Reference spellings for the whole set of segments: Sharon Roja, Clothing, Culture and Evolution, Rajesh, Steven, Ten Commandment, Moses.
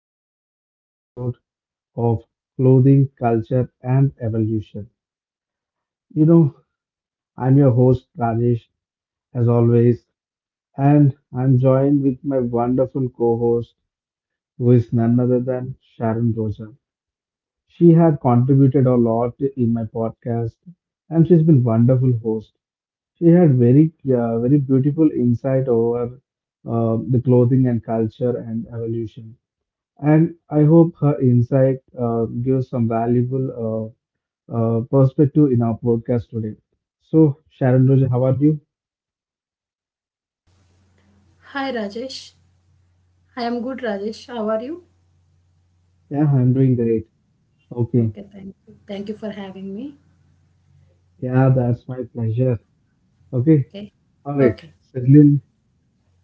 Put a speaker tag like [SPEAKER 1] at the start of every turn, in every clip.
[SPEAKER 1] another epic episode of Clothing, Culture and Evolution. You know, I'm your host Rajesh as always and I'm joined with my wonderful co-host who is none other than Sharon Roja. She had contributed a lot in my podcast and she's been wonderful host. She had very very beautiful insight over the clothing and culture and evolution. And I hope her insight gives some valuable perspective in our podcast today. So, Sharon Roja, how are you?
[SPEAKER 2] Hi Rajesh. I am good, Rajesh. How are you?
[SPEAKER 1] Yeah, I'm doing great. Okay.
[SPEAKER 2] Okay, thank you. Thank you for having me.
[SPEAKER 1] Yeah, that's my pleasure. Okay.
[SPEAKER 2] Okay.
[SPEAKER 1] All right.
[SPEAKER 2] Okay.
[SPEAKER 1] Sedlin,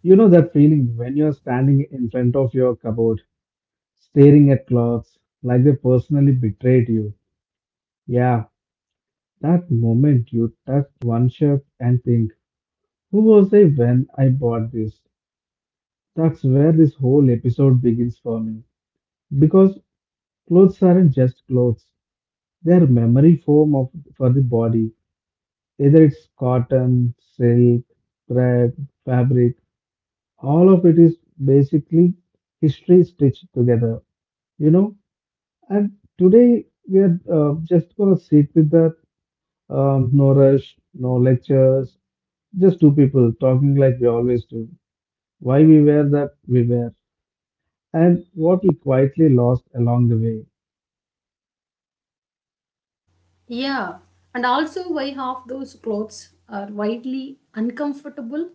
[SPEAKER 1] you know that feeling when you're standing in front of your cupboard, staring at clothes like they personally betrayed you? Yeah, that moment you touch one shirt and think, who was I when I bought this? That's where this whole episode begins for me, because clothes aren't just clothes, they're memory form of, for the body, either it's cotton, silk, thread, fabric, all of it is basically history stitched together, you know. And today we are just gonna sit with that, no rush, no lectures, just two people talking like we always do, why we wear that we wear and what we quietly lost along the way.
[SPEAKER 2] Yeah. And also why half those clothes are widely uncomfortable,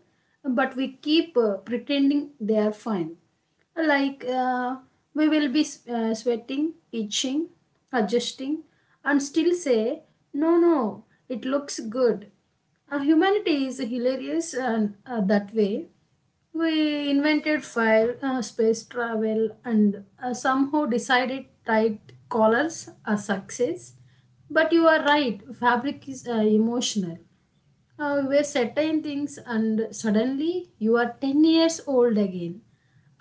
[SPEAKER 2] but we keep pretending they are fine. Like, we will be sweating, itching, adjusting, and still say, no, no, it looks good. Humanity is hilarious and that way. We invented fire, space travel, and somehow decided tight collars are success. But you are right, fabric is emotional. We were certain things, and suddenly you are 10 years old again,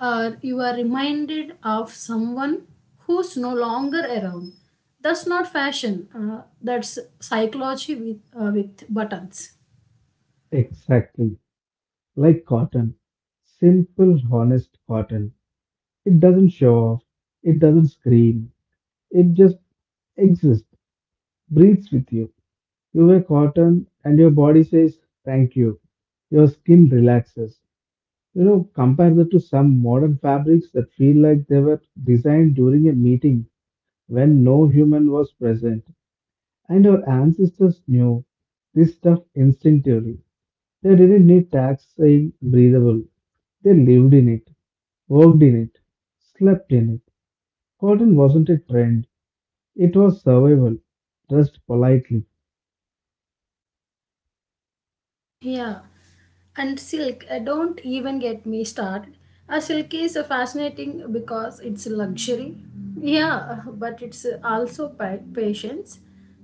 [SPEAKER 2] or you are reminded of someone who's no longer around. That's not fashion, that's psychology with buttons.
[SPEAKER 1] Exactly, like cotton, simple, honest cotton. It doesn't show off, it doesn't scream, it just exists, breathes with you. You wear cotton and your body says thank you. Your skin relaxes. You know, compare that to some modern fabrics that feel like they were designed during a meeting when no human was present. And our ancestors knew this stuff instinctively. They didn't need tags saying breathable, they lived in it, worked in it, slept in it. Cotton wasn't a trend, it was survival, dressed politely.
[SPEAKER 2] Yeah, and silk, don't even get me started. A silk is fascinating because it's a luxury. Yeah, but it's also patience.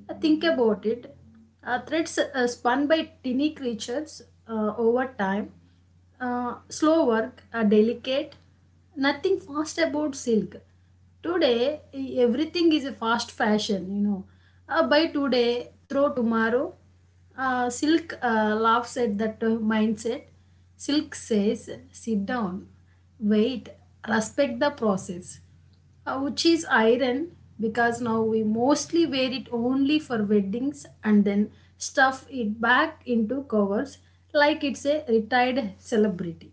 [SPEAKER 2] Think about it. Threads spun by tiny creatures over time, slow work, delicate, nothing fast about silk. Today, everything is a fast fashion, Buy today, throw tomorrow. Silk laughs at that mindset. Silk says, sit down, wait, respect the process, which is iron, because now we mostly wear it only for weddings and then stuff it back into covers like it's a retired celebrity.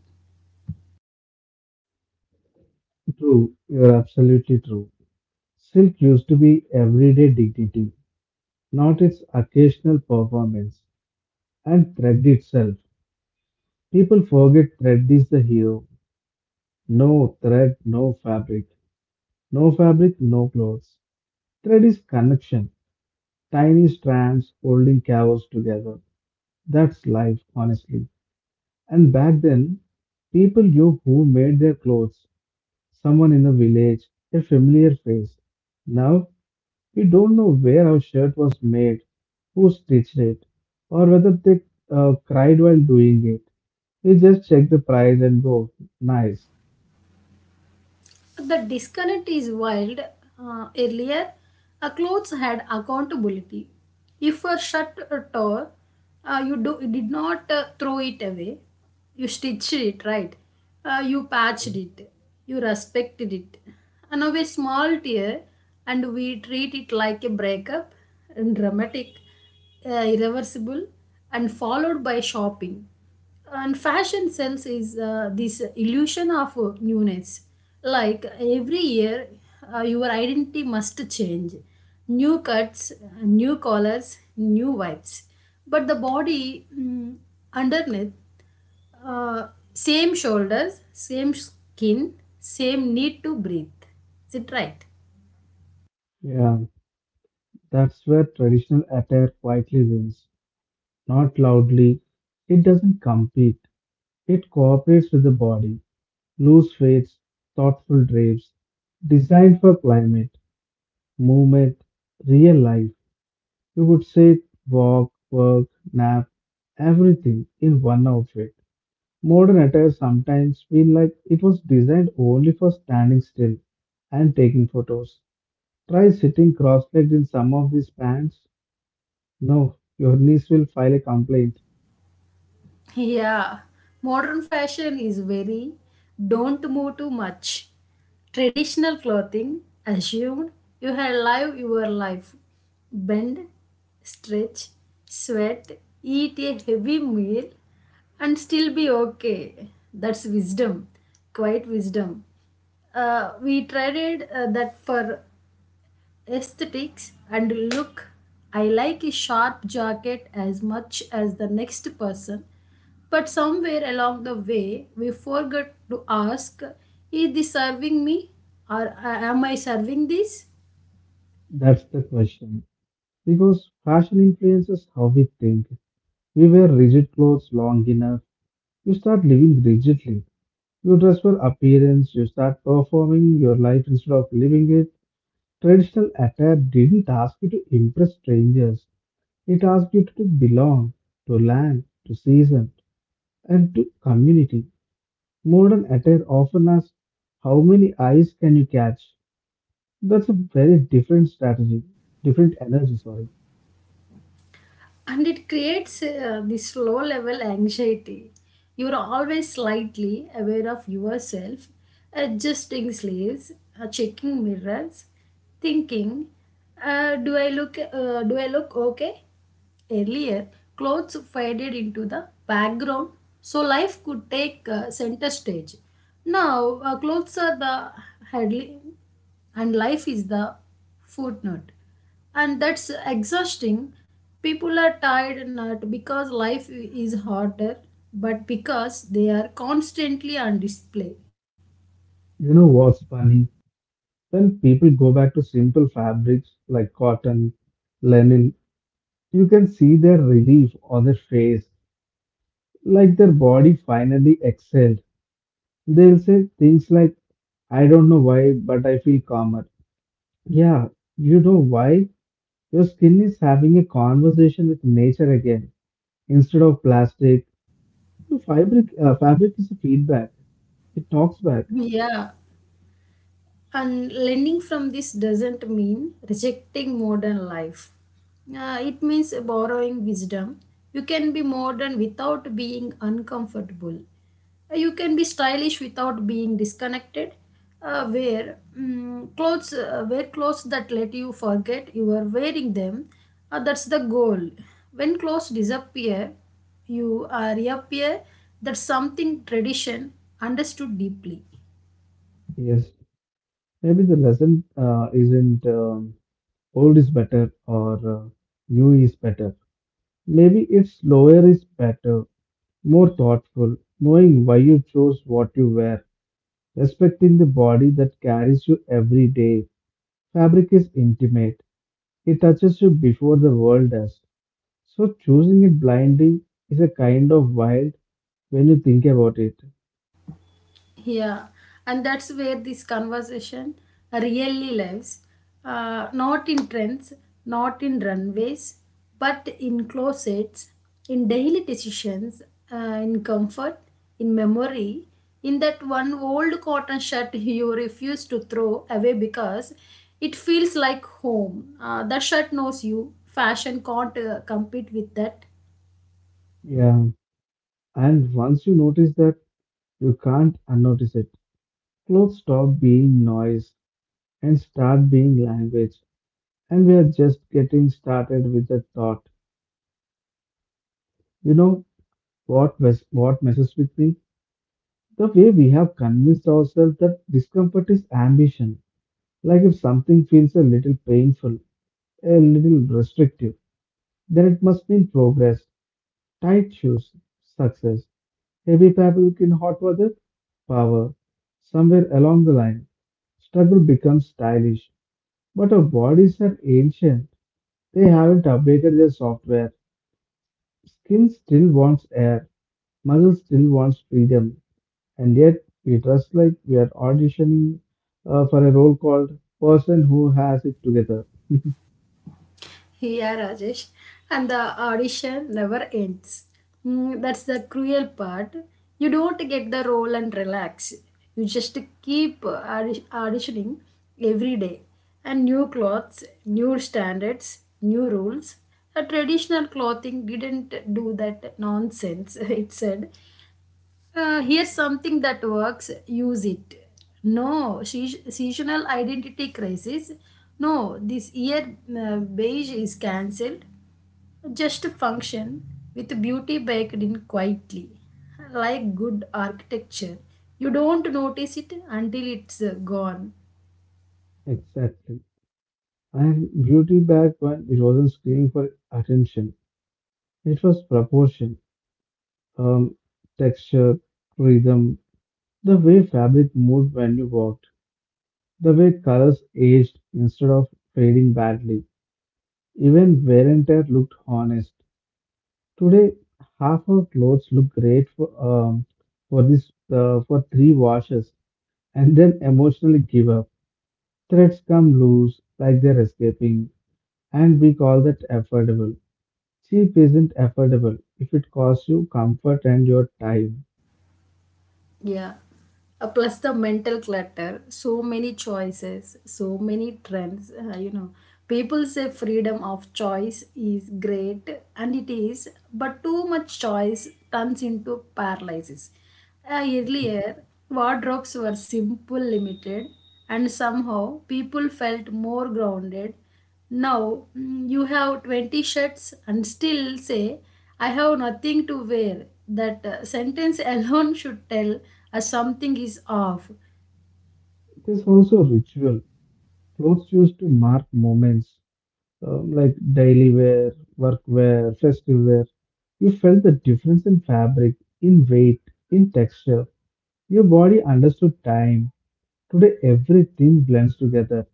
[SPEAKER 1] True, you're absolutely true. Silk used to be everyday dignity, not its occasional performance. And thread itself. People forget thread is the hero. No thread, no fabric. No fabric, no clothes. Thread is connection. Tiny strands holding chaos together. That's life, honestly. And back then, people knew who made their clothes, someone in the village, a familiar face. Now, we don't know where our shirt was made, who stitched it, or whether they cried while doing it. We just check the price and go, nice.
[SPEAKER 2] The disconnect is wild. Earlier, clothes had accountability. If a shirt or tore, did not throw it away. You stitched it, right? You patched it. You respected it. And now a small tear, and we treat it like a breakup, and dramatic, irreversible, and followed by shopping. And fashion sells is this illusion of newness, like every year your identity must change: new cuts, new collars, new vibes. But the body, underneath, uh, same shoulders, same skin, same need to breathe. Is it right?
[SPEAKER 1] Yeah, that's where traditional attire quietly wins, not loudly. It doesn't compete, it cooperates with the body. Loose fades, thoughtful drapes, designed for climate, movement, real life. You could sit, walk, work, nap, everything in one outfit. Modern attire sometimes feel like it was designed only for standing still and taking photos. Try sitting cross-legged in some of these pants. No, your niece will file a complaint.
[SPEAKER 2] Yeah, modern fashion is very don't move too much. Traditional clothing assumed you have live your life. Bend, stretch, sweat, eat a heavy meal, and still be okay. That's wisdom, quite wisdom. We traded that for aesthetics and look. I like a sharp jacket as much as the next person, but somewhere along the way we forgot to ask, is this serving me, or am I serving this?
[SPEAKER 1] That's the question. Because fashion influences how we think. We wear rigid clothes long enough, you start living rigidly. You dress for appearance, you start performing your life instead of living it. Traditional attire didn't ask you to impress strangers, it asked you to belong, to land, to season, and to community. Modern attire often asks, how many eyes can you catch? That's a very different strategy, different energy, sorry.
[SPEAKER 2] And it creates this low level anxiety. You're always slightly aware of yourself, adjusting sleeves, checking mirrors, thinking, do I look okay. Earlier, clothes faded into the background so life could take center stage. Now, clothes are the headline and life is the footnote. And that's exhausting. People are tired not because life is harder, but because they are constantly on display.
[SPEAKER 1] You know what's funny? When people go back to simple fabrics like cotton, linen, you can see their relief on their face like their body finally exhaled. They'll say things like, I don't know why, but I feel calmer. Yeah, you know why? Your skin is having a conversation with nature again. Instead of plastic, the fabric, fabric is a feedback. It talks back.
[SPEAKER 2] Yeah, and learning from this doesn't mean rejecting modern life. It means borrowing wisdom. You can be modern without being uncomfortable. You can be stylish without being disconnected. Wear clothes that let you forget you are wearing them. That's the goal. When clothes disappear, you reappear. That's something tradition understood deeply.
[SPEAKER 1] Yes, maybe the lesson isn't old is better or new is better. Maybe it's slower is better, more thoughtful, knowing why you chose what you wear, respecting the body that carries you every day. Fabric is intimate, it touches you before the world does. So, choosing it blindly is a kind of wild when you think about it.
[SPEAKER 2] Yeah, and that's where this conversation really lives. Not in trends, not in runways, but in closets, in daily decisions, uh, in comfort, in memory, in that one old cotton shirt you refuse to throw away because it feels like home. That shirt knows you. Fashion can't compete with that.
[SPEAKER 1] Yeah, and once you notice that, you can't unnotice it. Clothes stop being noise and start being language. And we are just getting started with the thought. You know what, what messes with me? The way we have convinced ourselves that discomfort is ambition. Like if something feels a little painful, a little restrictive, then it must mean progress, tight shoes, success, heavy fabric in hot weather, power. Somewhere along the line, struggle becomes stylish. But our bodies are ancient. They haven't updated their software. Skin still wants air. Muscle still wants freedom. And yet, we dress like we are auditioning for a role called person who has it together.
[SPEAKER 2] Yeah, Rajesh. And the audition never ends. That's the cruel part. You don't get the role and relax. You just keep auditioning every day. And new clothes, new standards, new rules. A traditional clothing didn't do that nonsense, it said. Here's something that works, use it. No seasonal identity crisis, no this year beige is cancelled, just a function with beauty baked in quietly, like good architecture. You don't notice it until it's gone.
[SPEAKER 1] Exactly. And beauty back when it wasn't screaming for attention, it was proportion, um, texture, rhythm, the way fabric moved when you walked, the way colors aged instead of fading badly. Even wear and tear looked honest. Today, half our clothes look great for this for three washes and then emotionally give up. Threads come loose like they're escaping, and we call that affordable. Cheap isn't affordable if it costs you comfort and your time.
[SPEAKER 2] Yeah. Plus the mental clutter, so many choices, so many trends. People say freedom of choice is great, and it is, but too much choice turns into paralysis. Earlier, wardrobes were simple, limited, and somehow people felt more grounded. Now, you have 20 shirts and still say, I have nothing to wear. That sentence alone should tell us something is off.
[SPEAKER 1] There's also ritual. Clothes used to mark moments, like daily wear, work wear, festive wear. You felt the difference in fabric, in weight, in texture. Your body understood time. Today, everything blends together.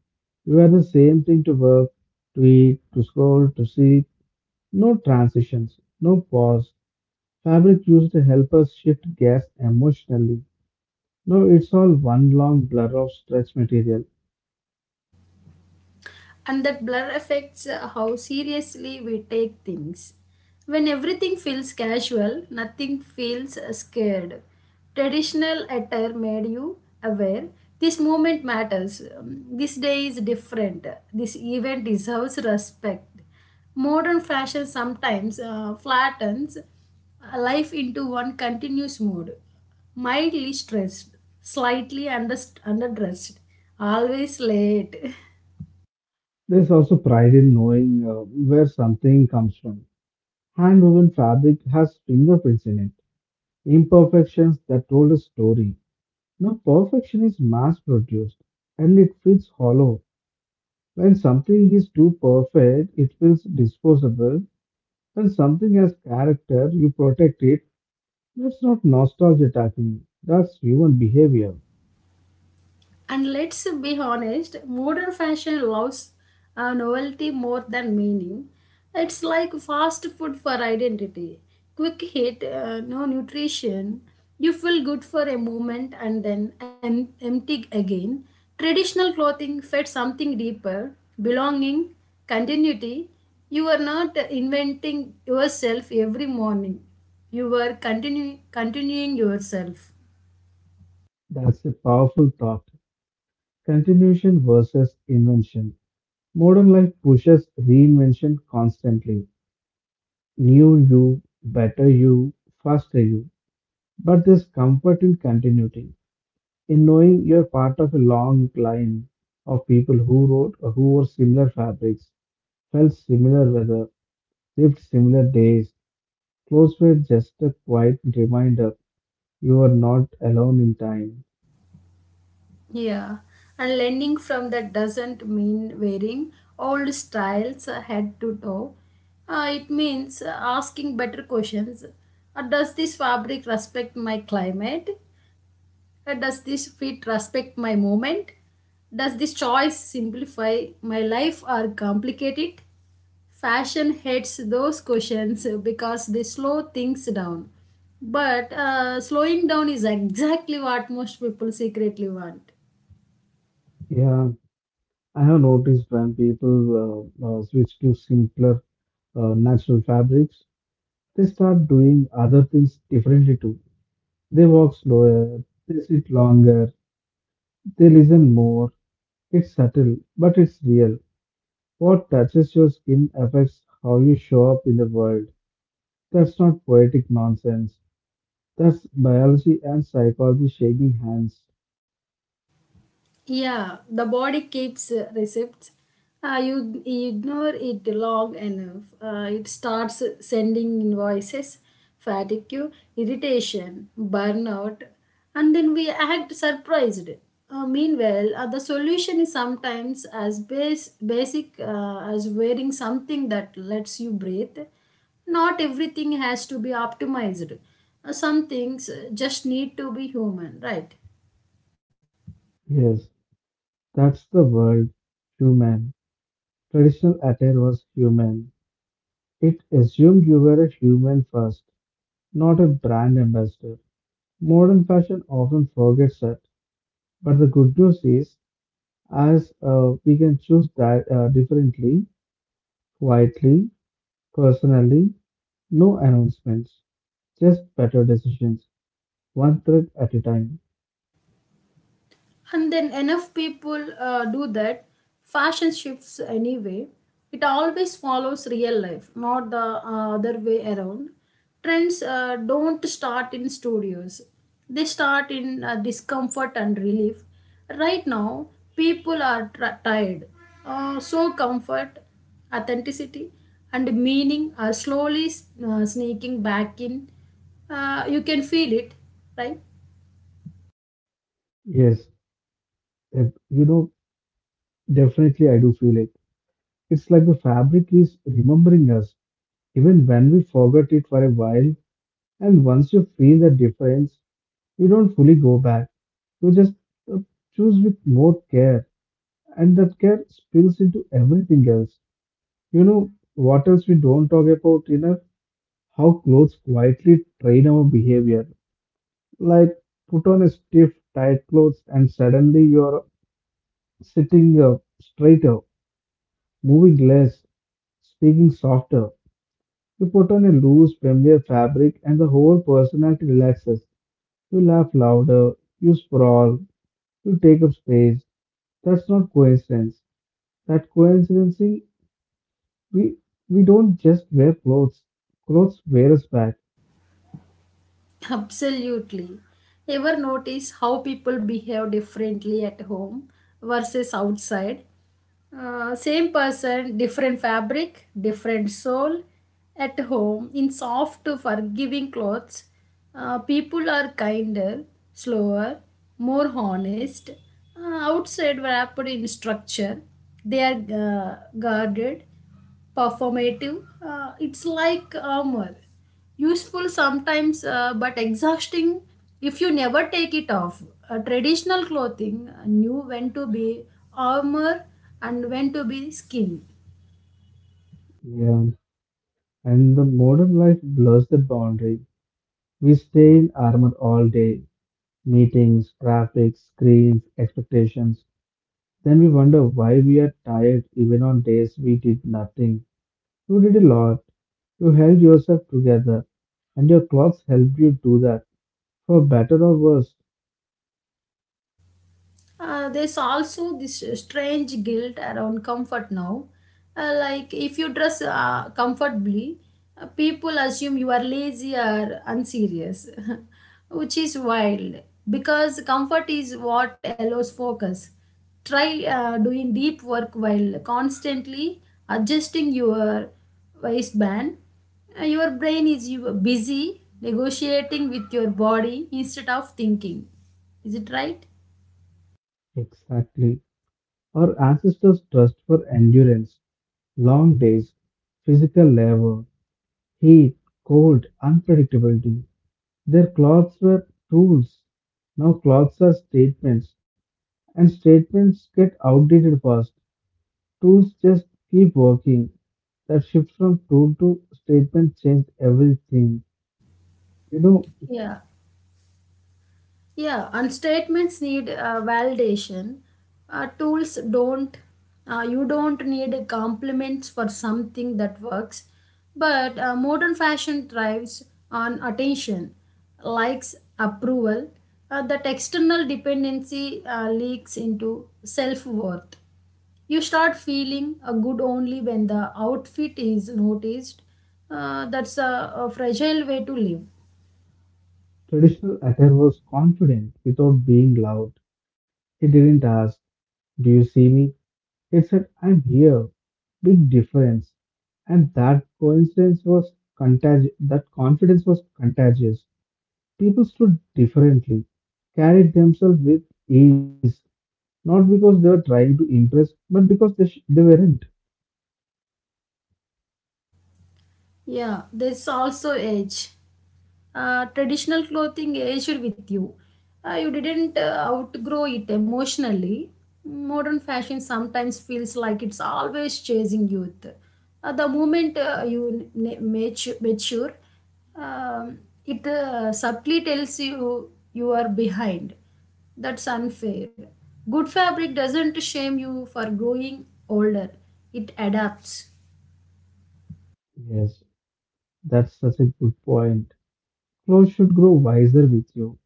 [SPEAKER 1] You wear the same thing to work, to eat, to scroll, to see. No transitions, no pause. Fabric used to help us shift gears emotionally. No, it's all one long blur of stretch material.
[SPEAKER 2] And that blur affects how seriously we take things. When everything feels casual, nothing feels scared. Traditional attire made you aware this moment matters, this day is different, this event deserves respect. Modern fashion sometimes flattens life into one continuous mood: mildly stressed, slightly underdressed, always late.
[SPEAKER 1] There's also pride in knowing where something comes from. Hand woven fabric has fingerprints in it, imperfections that told a story. Now, perfection is mass produced and it feels hollow. When something is too perfect, it feels disposable. When something has character, you protect it. That's not nostalgia attacking, you. That's human behavior.
[SPEAKER 2] And let's be honest, modern fashion loves novelty more than meaning. It's like fast food for identity. Quick hit, no nutrition. You feel good for a moment and then empty again. Traditional clothing fed something deeper: belonging, continuity. You are not inventing yourself every morning, you are continuing yourself.
[SPEAKER 1] That's a powerful thought. Continuation versus invention. Modern life pushes reinvention constantly. New you, better you, faster you. But there's comfort in continuity, in knowing you're part of a long line of people who wrote or who wore similar fabrics, felt similar weather, lived similar days. Clothes were just a quiet reminder you are not alone in time.
[SPEAKER 2] Yeah, and learning from that doesn't mean wearing old styles head to toe. It means asking better questions. Does this fabric respect my climate? Does this fit respect my moment? Does this choice simplify my life or complicate it? Fashion hates those questions because they slow things down. But slowing down is exactly what most people secretly want.
[SPEAKER 1] Yeah, I have noticed when people switch to simpler natural fabrics, they start doing other things differently too. They walk slower, they sit longer, they listen more. It's subtle, but it's real. What touches your skin affects how you show up in the world. That's not poetic nonsense. That's biology and psychology shaking hands.
[SPEAKER 2] Yeah, the body keeps receipts. You ignore it long enough. It starts sending invoices, fatigue, irritation, burnout, and then we act surprised. Meanwhile, the solution is sometimes as basic as wearing something that lets you breathe. Not everything has to be optimized. Some things just need to be human, right?
[SPEAKER 1] Yes, that's the world. Human. Traditional attire was human. It assumed you were a human first, not a brand ambassador. Modern fashion often forgets that. But the good news is, as we can choose that differently, quietly, personally, no announcements, just better decisions, one thread at a time.
[SPEAKER 2] And then enough people do that, fashion shifts anyway. It always follows real life, not the other way around. Trends don't start in studios, they start in discomfort and relief. Right now, people are tired, so comfort, authenticity, and meaning are slowly sneaking back in. You can feel it, right?
[SPEAKER 1] Yes, if, you know, definitely I do feel it. It's like the fabric is remembering us, even when we forgot it for a while. And once you feel the difference, you don't fully go back. You just uh, choose with more care, and that care spills into everything else. You know, what else we don't talk about enough? How clothes quietly train our behavior. Like, put on a stiff, tight clothes, and suddenly you're sitting straighter, moving less, speaking softer. You put on a loose, familiar fabric, and the whole personality relaxes. You laugh louder, you sprawl, you take up space. That's not coincidence. That coincidence, we, we don't just wear clothes, clothes wear us back.
[SPEAKER 2] Absolutely. Ever notice how people behave differently at home versus outside? Same person, different fabric, different soul. At home, in soft, forgiving clothes, people are kinder, slower, more honest. Uh, Outside, wrapped in structure, they are guarded, performative. It's like armor, useful sometimes, but exhausting if you never take it off. Traditional clothing knew when to be armor and when to be skin.
[SPEAKER 1] Yeah. And the modern life blurs that boundary. We stay in armor all day, meetings, traffic, screens, expectations. Then we wonder why we are tired even on days we did nothing. You did a lot. You held yourself together, and your clocks helped you do that, for better or worse.
[SPEAKER 2] There's also this strange guilt around comfort now. Like if you dress comfortably, people assume you are lazy or unserious, which is wild because comfort is what allows focus. Try doing deep work while constantly adjusting your waistband. Your brain is you busy negotiating with your body instead of thinking. Is it right?
[SPEAKER 1] Exactly. Our ancestors trust for endurance, long days, physical labor, heat, cold, unpredictability. Their clothes were tools. Now clothes are statements, and statements get outdated fast. Tools just keep working. That shift from tool to statement changed everything. You know,
[SPEAKER 2] Yeah. Yeah, and statements need validation. Tools don't, you don't need compliments for something that works. But modern fashion thrives on attention, likes, approval. That external dependency leaks into self worth. You start feeling good only when the outfit is noticed. That's a fragile way to live.
[SPEAKER 1] traditional attire was confident without being loud. He didn't ask, do you see me? He said, I'm here. Big difference. And that coincidence was contagious. That confidence was contagious. People stood differently, carried themselves with ease, not because they were trying to impress, but because they weren't.
[SPEAKER 2] Yeah, there's also age. Traditional clothing aged with you. You didn't outgrow it emotionally. Modern fashion sometimes feels like it's always chasing youth. The moment mature, um, it subtly tells you you are behind. That's unfair. Good fabric doesn't shame you for growing older, it adapts.
[SPEAKER 1] Yes, that's such a good point. Clothes should grow wiser with you,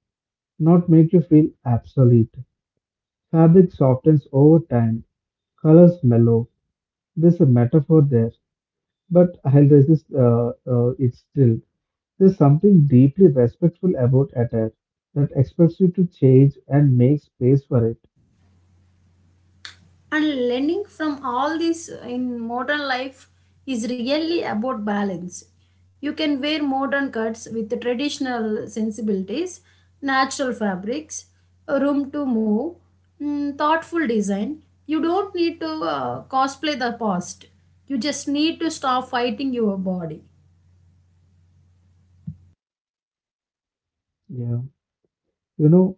[SPEAKER 1] not make you feel obsolete. Fabric softens over time, colors mellow. There's a metaphor there, but I'll resist it still. There's something deeply respectful about attire that expects you to change and make space for it.
[SPEAKER 2] And learning from all this in modern life is really about balance. You can wear modern cuts with traditional sensibilities: natural fabrics, room to move, thoughtful design. You don't need to cosplay the past, you just need to stop fighting your body.
[SPEAKER 1] Yeah. You know,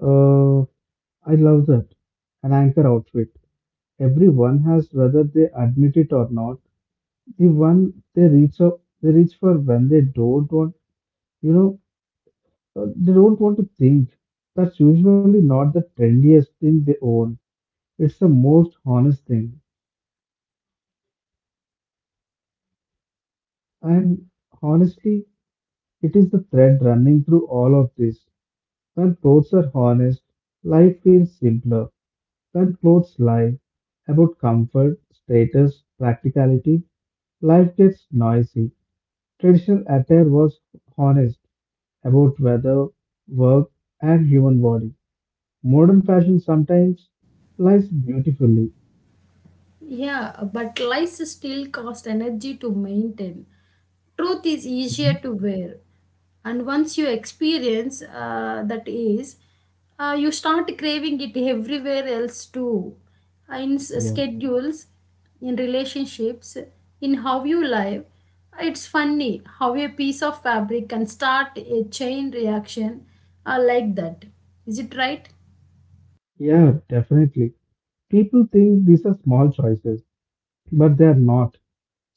[SPEAKER 1] Uh, I love that. An anchor outfit. Everyone has, whether they admit it or not, the one they reach for when they don't want, you know, they don't want to think. That's usually not the trendiest thing they own. It's the most honest thing. And honestly, it is the thread running through all of this. When clothes are honest, life feels simpler. When clothes lie about comfort, status, practicality, life gets noisy. Traditional attire was honest about weather, work, and human body. Modern fashion sometimes lies beautifully.
[SPEAKER 2] Yeah, but lights still cost energy to maintain. Truth is easier
[SPEAKER 1] Mhm.
[SPEAKER 2] to wear. And once you experience that, you start craving it everywhere else too. In
[SPEAKER 1] Yeah.
[SPEAKER 2] schedules, in relationships, in how you live. It's funny how a piece of fabric can start a chain reaction like that. Is it right?
[SPEAKER 1] Yeah, definitely. People think these are small choices, but they're not.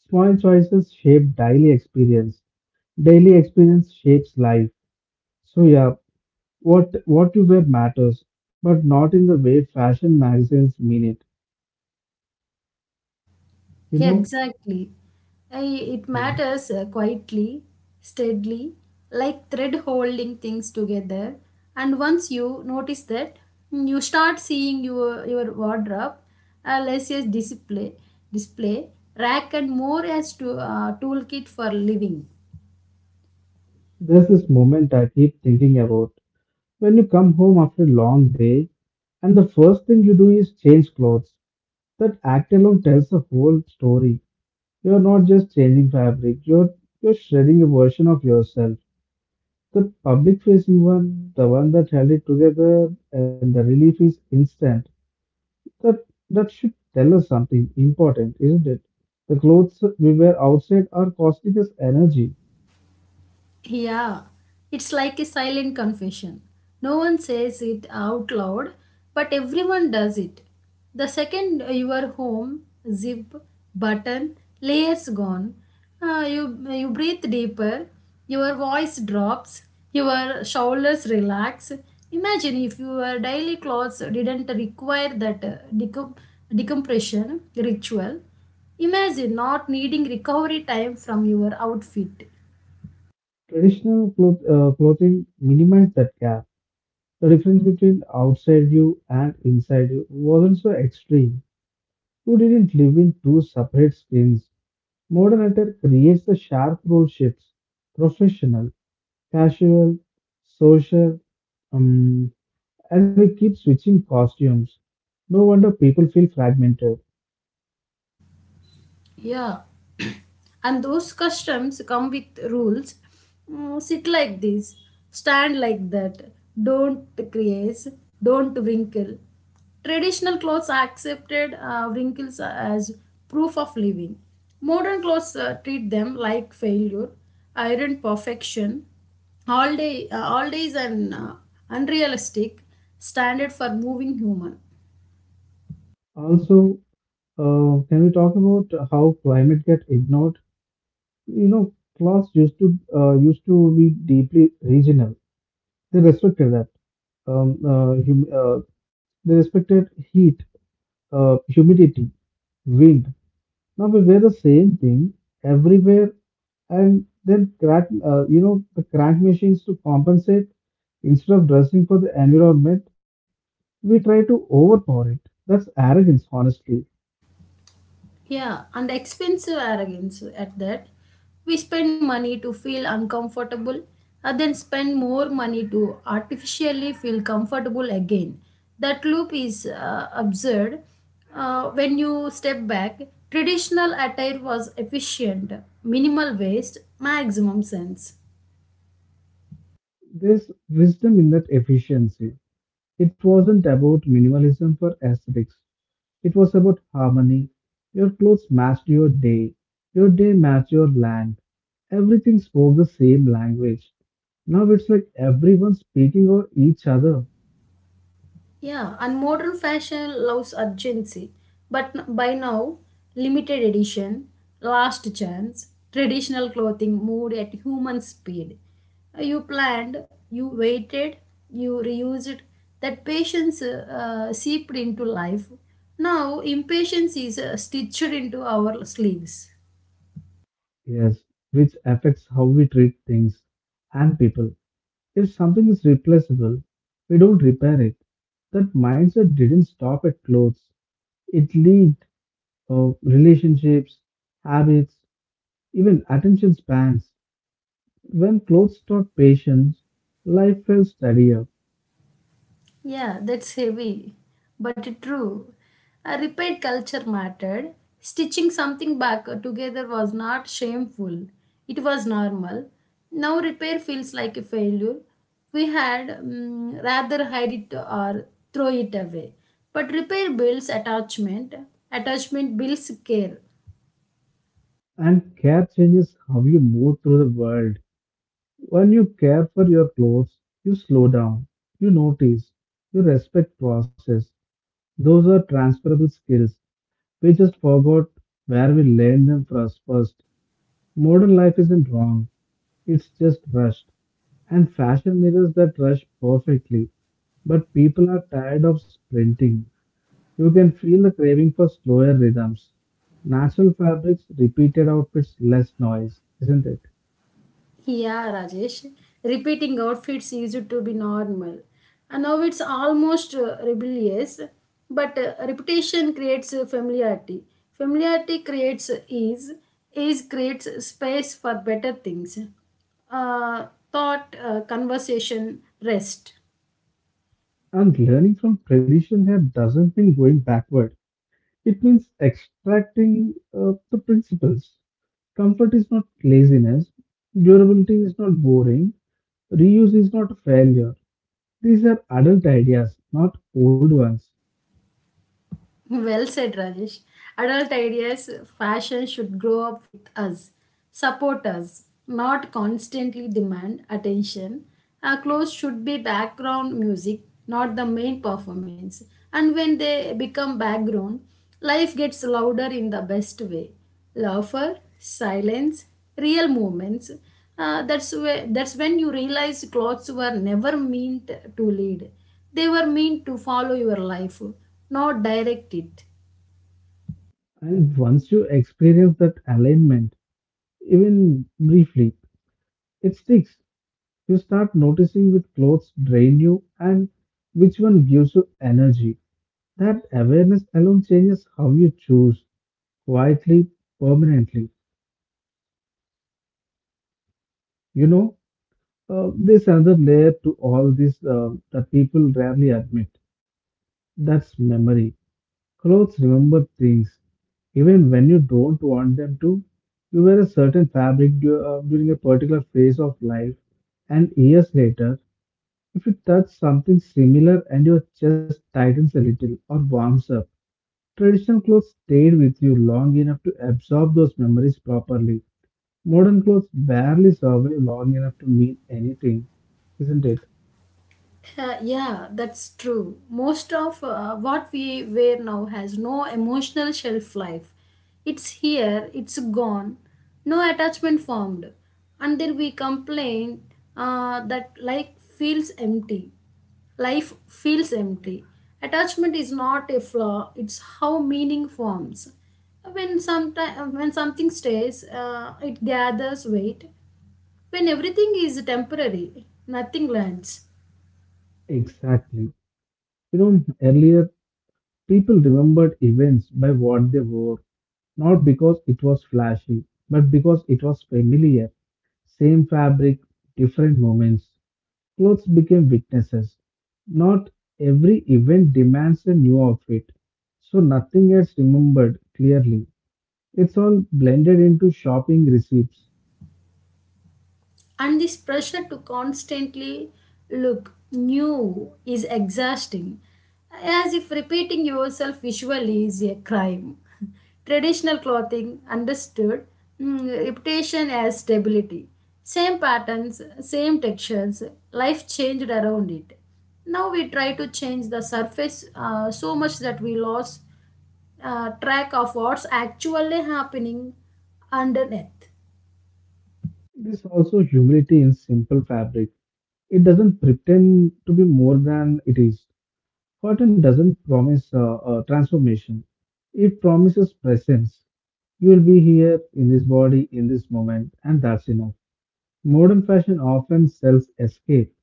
[SPEAKER 1] Small choices shape daily experience. Daily experience shapes life. So yeah, what you wear matters, but not in the way fashion magazines mean it. You
[SPEAKER 2] Yeah,
[SPEAKER 1] know,
[SPEAKER 2] exactly. I, it
[SPEAKER 1] yeah,
[SPEAKER 2] matters quietly, steadily, like thread holding things together. And once you notice that, you start seeing your wardrobe less as display rack, and more as toolkit for living.
[SPEAKER 1] there's this moment I keep thinking about. When you come home after a long day, and the first thing you do is change clothes. That act alone tells the whole story. You're not just changing fabric, you're shredding a version of yourself. The public facing one, the one that held it together, and the relief is instant. That that should tell us something important, isn't it? The clothes we wear outside are costing us energy.
[SPEAKER 2] Yeah, it's like a silent confession. No one says it out loud, but everyone does it. The second you are home, zip, button, layers gone. You breathe deeper. Your voice drops. Your shoulders relax. Imagine if your daily clothes didn't require that decompression ritual. Imagine not needing recovery time from your outfit.
[SPEAKER 1] Traditional clothing minimized that gap. The difference between outside you and inside you wasn't so extreme. You didn't live in two separate skins. Modern attire creates the sharp role shifts: professional, casual, social, um, and we keep switching costumes. No wonder people feel fragmented.
[SPEAKER 2] Yeah. And those customs come with rules. Sit like this, stand like that, don't crease, don't wrinkle. Traditional clothes are accepted wrinkles as proof of living. Modern clothes treat them like failure. Iron perfection all day all days an unrealistic standard for moving human.
[SPEAKER 1] Also, can we talk about how climate get ignored? You know, class used to be deeply regional. They respected that. Hum They respected heat, humidity, wind. Now we wear the same thing everywhere, and then crack. You know, the crank machines to compensate instead of dressing for the environment. We try to overpower it. That's arrogance, honestly.
[SPEAKER 2] Yeah, and expensive arrogance at that. We spend money to feel uncomfortable and then spend more money to artificially feel comfortable again. That loop is absurd. When you step back, traditional attire was efficient, minimal waste, maximum sense.
[SPEAKER 1] There's wisdom in that efficiency. It wasn't about minimalism for aesthetics. It was about harmony. Your clothes matched your day. Your day matched your land. Everything spoke the same language. Now it's like everyone speaking over each other.
[SPEAKER 2] Yeah, and modern fashion loves urgency, by now, limited edition, last chance, traditional clothing moved at human speed. You planned, you waited, you reused. That patience seeped into life. Now, impatience is stitched into our sleeves.
[SPEAKER 1] Yes, which affects how we treat things and people. If something is replaceable, we don't repair it. That mindset didn't stop at clothes. It leaked relationships, habits, even attention spans. When clothes taught patience, life felt steadier,
[SPEAKER 2] Yeah, that's heavy, but it true. A repaid culture mattered. Stitching something back together was not shameful. It was normal. Now repair feels like a failure. We had rather hide it or throw it away. But repair builds attachment. Attachment builds care.
[SPEAKER 1] and care changes how you move through the world. When you care for your clothes, you slow down, you notice, you respect process. Those are transferable skills. We just forgot where we learned them for us first. Modern life isn't wrong, it's just rushed, and fashion mirrors that rush perfectly. But people are tired of sprinting. You can feel the craving for slower rhythms. Natural fabrics, repeated outfits, less noise, isn't it?
[SPEAKER 2] Yeah, Rajesh. Repeating outfits used to be normal. And now it's almost rebellious. But repetition creates familiarity. Familiarity creates ease. Ease creates space for better things. Uh, Thought, conversation, rest.
[SPEAKER 1] And learning from tradition here doesn't mean going backward. It means extracting the principles. Comfort is not laziness. Durability is not boring. Reuse is not a failure. These are adult ideas, not old ones.
[SPEAKER 2] Well said, Rajesh. Adult ideas, fashion should grow up with us, support us, not constantly demand attention. Our clothes should be background music, not the main performance. And when they become background, life gets louder in the best way: laughter, silence, real moments. That's when you realize clothes were never meant to lead. They were meant to follow your life, not direct it.
[SPEAKER 1] And once you experience that alignment, even briefly, it sticks. You start noticing which clothes drain you and which one gives you energy. That awareness alone changes how you choose quietly, permanently. You know, there's another layer to all this that people rarely admit. That's memory. Clothes remember things. Even when you don't want them to, you wear a certain fabric during a particular phase of life, and years later, if you touch something similar and your chest tightens a little or warms up, traditional clothes stayed with you long enough to absorb those memories properly. Modern clothes barely survive long enough to mean anything, isn't it?
[SPEAKER 2] Yeah, that's true. Most of what we wear now has no emotional shelf life. It's here, it's gone, no attachment formed. And then we complain that life feels empty. Life feels empty. Attachment is not a flaw, it's how meaning forms. When something stays, it gathers weight. When everything is temporary, nothing lands.
[SPEAKER 1] Exactly. You know, earlier people remembered events by what they wore, not because it was flashy, but because it was familiar. Same fabric, different moments. Clothes became weaknesses. Not every event demands a new outfit, so nothing gets remembered clearly. It's all blended into shopping receipts.
[SPEAKER 2] And this pressure to constantly look new is exhausting, as if repeating yourself visually is a crime. Traditional clothing understood reputation as stability. Same patterns, same textures, life changed around it. Now we try to change the surface so much that we lost track of what's actually happening underneath.
[SPEAKER 1] It is also humility in simple fabric. It doesn't pretend to be more than it is. Cotton doesn't promise transformation, it promises presence. You will be here in this body in this moment, and that's enough. Modern fashion often sells escape.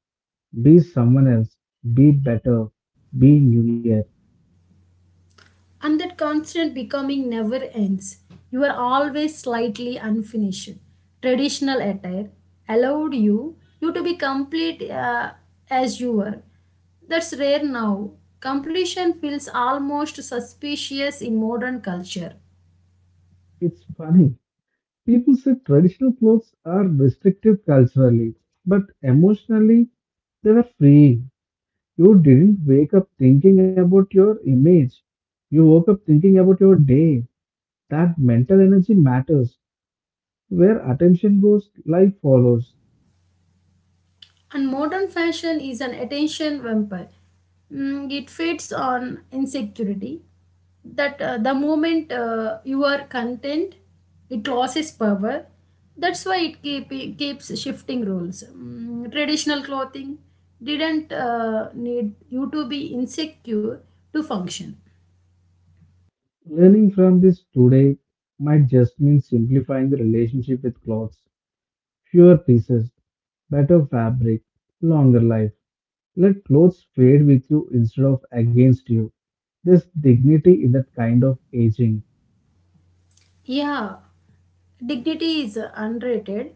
[SPEAKER 1] Be someone else, be better, be new year.
[SPEAKER 2] And that constant becoming never ends. You are always slightly unfinished. Traditional attire allowed you to be complete as you were. That's rare now. Completion feels almost suspicious in modern culture.
[SPEAKER 1] It's funny. People say traditional clothes are restrictive culturally, but emotionally they were free. You didn't wake up thinking about your image. You woke up thinking about your day. That mental energy matters. Where attention goes, life follows.
[SPEAKER 2] And modern fashion is an attention vampire. It feeds on insecurity that the moment you are content, it loses power. That's why it keeps shifting roles. Traditional clothing didn't need you to be insecure to function.
[SPEAKER 1] Learning from this today might just mean simplifying the relationship with clothes. Fewer pieces, better fabric, longer life. Let clothes fade with you instead of against you. There's dignity in that kind of aging.
[SPEAKER 2] Yeah, dignity is underrated,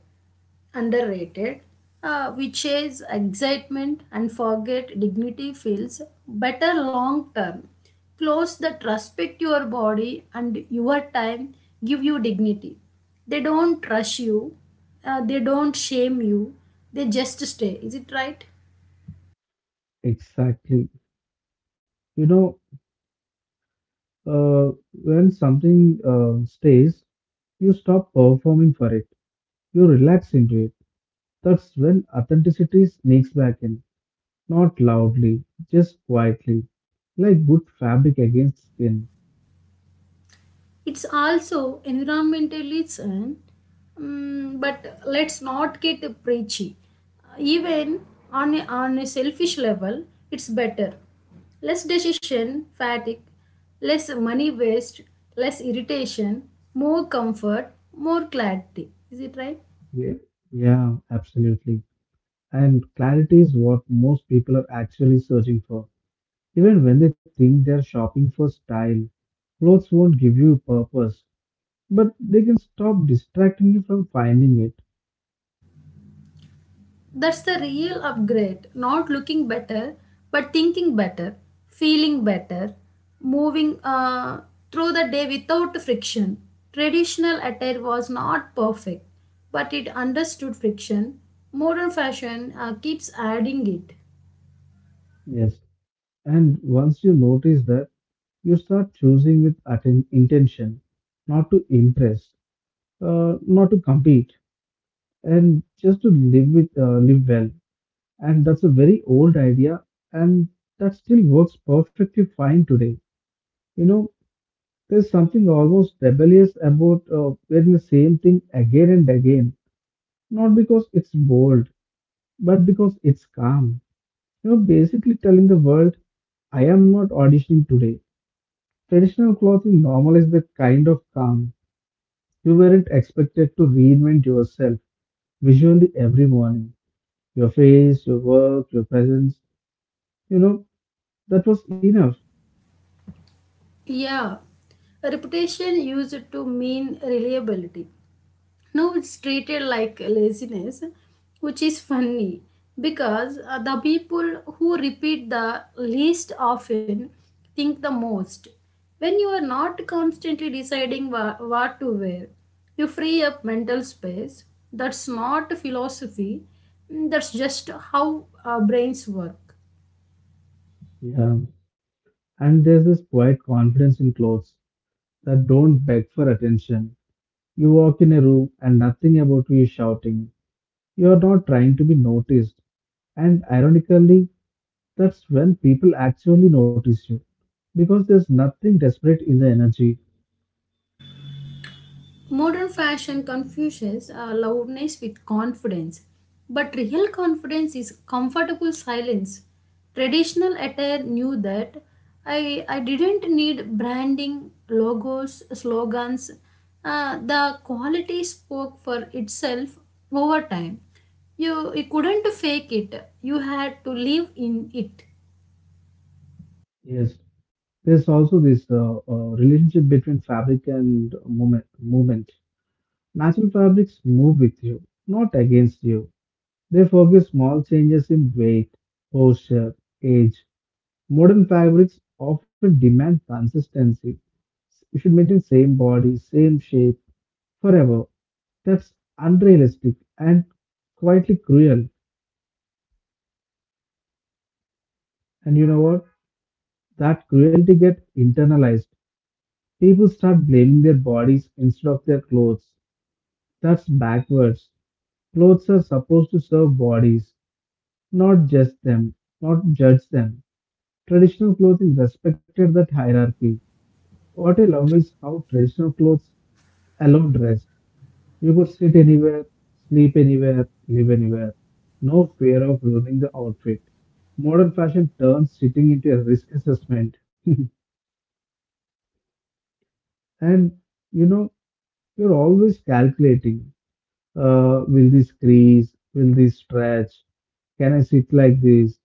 [SPEAKER 2] underrated, which is excitement and forget dignity feels better long term. Clothes that respect your body and your time give you dignity. They don't rush you, they don't shame you, they just stay. Is it right?
[SPEAKER 1] Exactly. You know, when something stays, you stop performing for it. You relax into it. That's when authenticity sneaks back in. Not loudly, just quietly, like good fabric against skin.
[SPEAKER 2] It's also environmentalism, but let's not get preachy. Even on a selfish level it's better: less decision fatigue, less money waste, less irritation, more comfort, more clarity. Is it right?
[SPEAKER 1] Yeah, yeah, absolutely. And clarity is what most people are actually searching for. Even when they think they're shopping for style, clothes won't give you purpose, but they can stop distracting you from finding it.
[SPEAKER 2] That's the real upgrade. Not looking better, but thinking better, feeling better, moving through the day without friction. Traditional attire was not perfect, but it understood friction. Modern fashion keeps adding it.
[SPEAKER 1] Yes. And once you notice that, you start choosing with intention, not to impress, not to compete, and just to live with live well. And that's a very old idea, and that still works perfectly fine today. You know, there's something almost rebellious about wearing the same thing again and again, not because it's bold, but because it's calm. You're basically telling the world, I am not auditioning today. Traditional clothing normalizes the kind of calm you weren't expected to reinvent yourself visually every morning. Your face, your work, your presence, you know, that was enough.
[SPEAKER 2] Yeah, reputation used to mean reliability. Now it's treated like laziness, which is funny because the people who repeat the least often think the most. When you are not constantly deciding what to wear, you free up mental space. That's not philosophy, that's just how our brains work.
[SPEAKER 1] Yeah. And there's this quiet confidence in clothes that don't beg for attention. You walk in a room and nothing about you is shouting. You are not trying to be noticed. And ironically, that's when people actually notice you because there's nothing desperate in the energy.
[SPEAKER 2] Modern fashion confuses loudness with confidence, but real confidence is comfortable silence. Traditional attire knew that. I didn't need branding, logos, slogans. The quality spoke for itself over time. You couldn't fake it, you had to live in it.
[SPEAKER 1] Yes, there's also this relationship between fabric and movement. Natural fabrics move with you, not against you. They forgive small changes in weight, posture, age. Modern fabrics often demand consistency. You should maintain same body, same shape forever. That's unrealistic and quietly cruel. And you know what? That cruelty gets internalized. People start blaming their bodies instead of their clothes. That's backwards. Clothes are supposed to serve bodies, not just them, not judge them. Traditional clothing respected that hierarchy. What I love is how traditional clothes allowed rest. You could sit anywhere, sleep anywhere, live anywhere. No fear of ruining the outfit. Modern fashion turns sitting into a risk assessment. And you know, you're always calculating, will this crease, will this stretch, can I sit like this?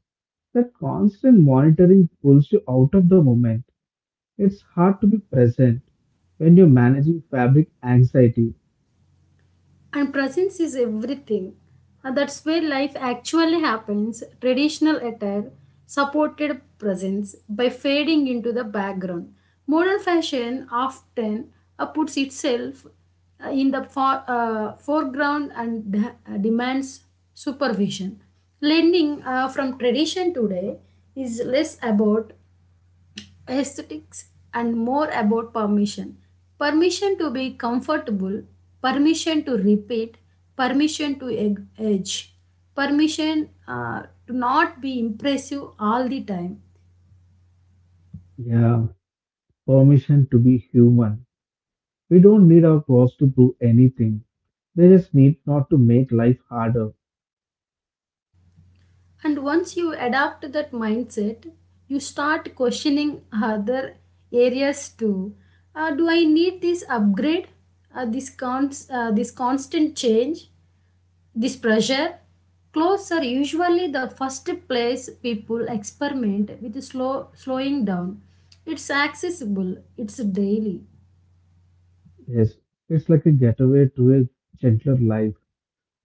[SPEAKER 1] That constant monitoring pulls you out of the moment. It's hard to be present when you're managing fabric anxiety.
[SPEAKER 2] And presence is everything. That's where life actually happens. Traditional attire supported presence by fading into the background. Modern fashion often puts itself in the foreground and demands supervision. Lending from tradition today is less about aesthetics and more about permission. Permission to be comfortable, permission to repeat, permission to edge, permission to not be impressive all the time.
[SPEAKER 1] Yeah, permission to be human. We don't need our boss to prove anything. They just need not to make life harder.
[SPEAKER 2] And once you adapt that mindset, you start questioning other areas too. Do I need this upgrade? Uh, this constant change? This pressure: clothes are usually the first place people experiment with slowing down. It's accessible, it's daily.
[SPEAKER 1] Yes, it's like a getaway to a gentler life,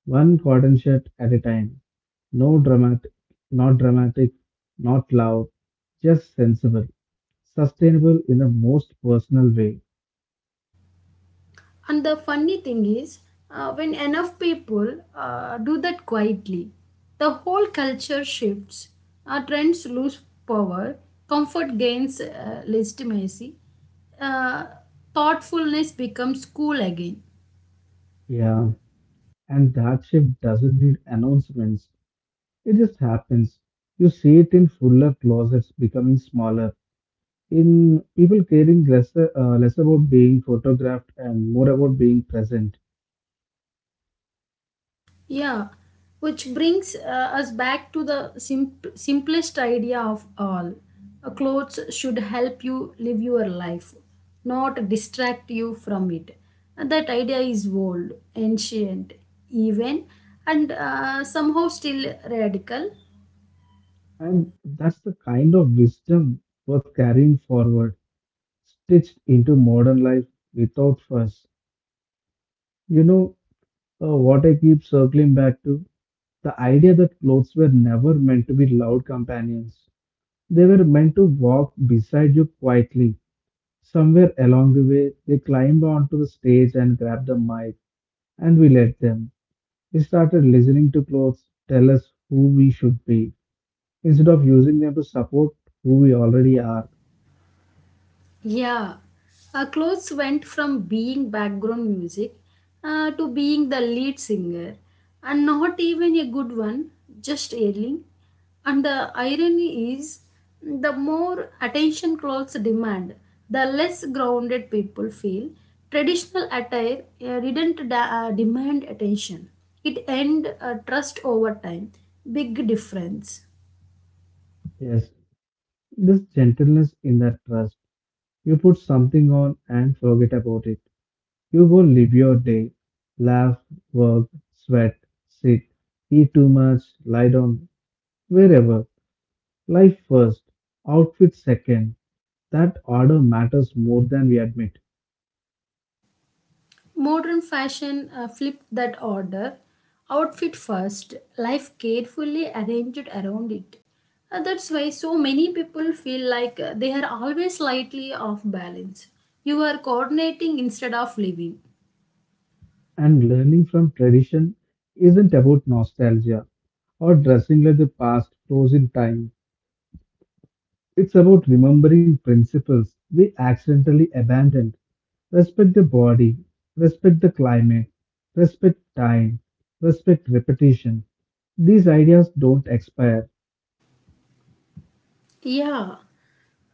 [SPEAKER 1] one cotton shirt at a time. No dramatic, not dramatic, not loud, just sensible, sustainable in the most personal way.
[SPEAKER 2] And the funny thing is, when enough people do that quietly, the whole culture shifts. Our trends lose power, comfort gains legitimacy, uh, thoughtfulness becomes cool again.
[SPEAKER 1] Yeah, and that shift doesn't need announcements. It just happens. You see it in fuller closets becoming smaller, in people caring less less about being photographed and more about being present,
[SPEAKER 2] Yeah, which brings us back to the simplest idea of all. Clothes should help you live your life, not distract you from it. And that idea is old, ancient, even, and somehow still radical.
[SPEAKER 1] and that's the kind of wisdom worth carrying forward, stitched into modern life without fuss. You know, what I keep circling back to, the idea that clothes were never meant to be loud companions. They were meant to walk beside you quietly. Somewhere along the way, they climbed onto the stage and grabbed the mic, and we let them. We started listening to clothes tell us who we should be instead of using them to support who we already are.
[SPEAKER 2] Yeah, our clothes went from being background music to being the lead singer, and not even a good one, just ailing. And the irony is, the more attention clothes demand, the less grounded people feel. Traditional attire didn't demand attention; it earned trust over time. Big difference.
[SPEAKER 1] Yes, this gentleness in that trust. You put something on and forget about it. You go live your day, laugh, work, sweat, sit, eat too much, lie down, wherever. Life first, outfit second. That order matters more than we admit.
[SPEAKER 2] Modern fashion flipped that order. Outfit first, life carefully arranged around it. That's why so many people feel like they are always slightly off balance. You are coordinating instead of living.
[SPEAKER 1] And learning from tradition isn't about nostalgia or dressing like the past froze in time. It's about remembering principles we accidentally abandoned. Respect the body, respect the climate, respect time, respect repetition. These ideas don't expire.
[SPEAKER 2] Yeah,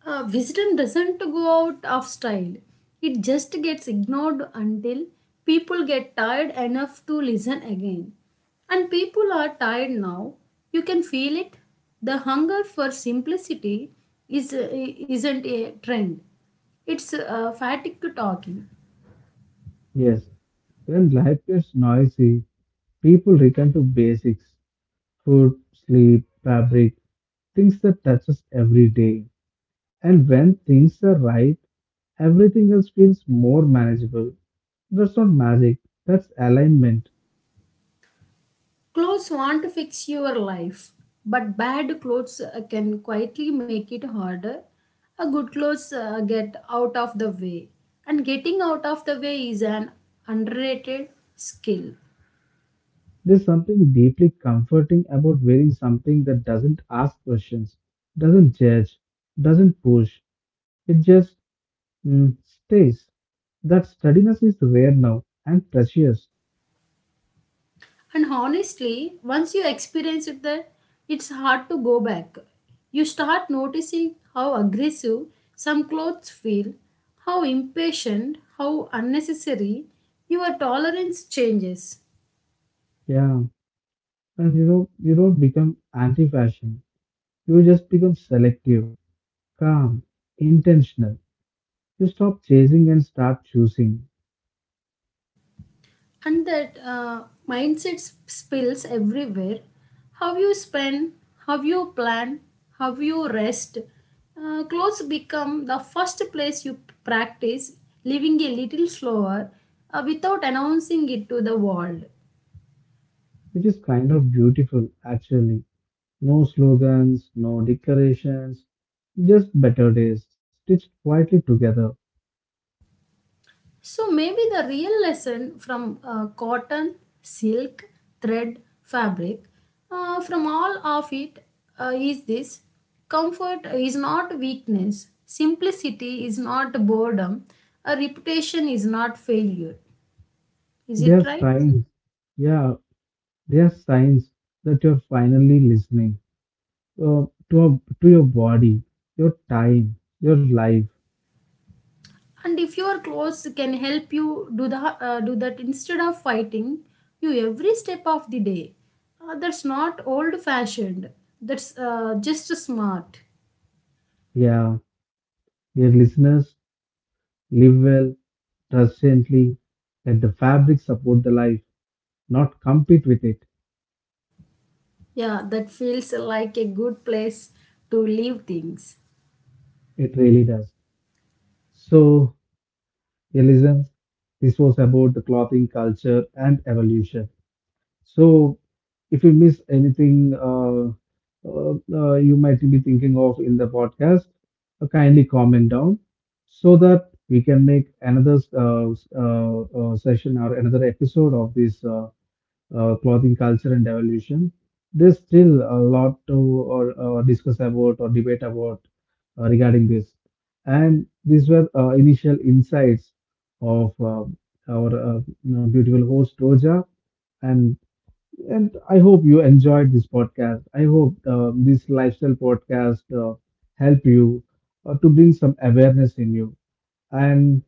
[SPEAKER 2] wisdom doesn't go out of style. It just gets ignored until people get tired enough to listen again. And people are tired now. You can feel it. The hunger for simplicity isn't a trend, it's fatigue to talking.
[SPEAKER 1] Yes, when life gets noisy, people return to basics, food, sleep, fabric, things that touch us every day. And when things are right, everything else feels more manageable. That's not magic, that's alignment.
[SPEAKER 2] Clothes want to fix your life, but bad clothes can quietly make it harder. A good clothes get out of the way, and getting out of the way is an underrated skill.
[SPEAKER 1] There's something deeply comforting about wearing something that doesn't ask questions, doesn't judge, doesn't push. It just stays. That steadiness is rare now and precious.
[SPEAKER 2] And honestly, once you experience it, that it's hard to go back. You start noticing how aggressive some clothes feel, how impatient, how unnecessary. Your tolerance changes.
[SPEAKER 1] Yeah, and you know, you don't become anti fashion, you just become selective, calm, intentional. You stop chasing and start choosing,
[SPEAKER 2] And that mindset spills everywhere: how you spend, how you plan, how you rest. Clothes become the first place you practice living a little slower without announcing it to the world.
[SPEAKER 1] which is kind of beautiful actually. No slogans, no declarations, just better days stitched quietly together.
[SPEAKER 2] So maybe the real lesson from cotton, silk, thread, fabric, from all of it is this: comfort is not weakness, simplicity is not boredom, a reputation is not failure. Is
[SPEAKER 1] They
[SPEAKER 2] it
[SPEAKER 1] are
[SPEAKER 2] right?
[SPEAKER 1] signs, yeah, they are signs that you're finally listening uh, to your body, your time, your life.
[SPEAKER 2] And if your clothes can help you do the do that instead of fighting you every step of the day, that's not old fashioned. That's just smart.
[SPEAKER 1] Yeah, dear listeners, live well, trust gently, let the fabric support the life, not compete with it.
[SPEAKER 2] Yeah, that feels like a good place to leave things.
[SPEAKER 1] It really does. So, dear listeners, this was about the clothing culture and evolution. So, if you miss anything you might be thinking of in the podcast, kindly comment down so that we can make another session or another episode of this clothing culture and evolution. There's still a lot to or discuss about or debate about regarding this. And these were initial insights of our beautiful host Roja. And I hope you enjoyed this podcast. I hope this lifestyle podcast help you to bring some awareness in you. And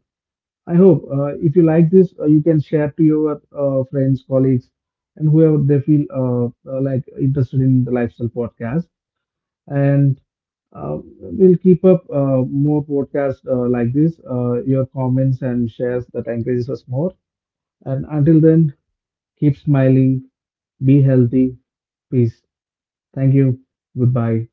[SPEAKER 1] I hope if you like this, you can share to your friends, colleagues, and whoever they feel like interested in the lifestyle podcast. And we'll keep up more podcasts like this. Your comments and shares that encourages us more. And until then, keep smiling, be healthy, peace. Thank you. Goodbye.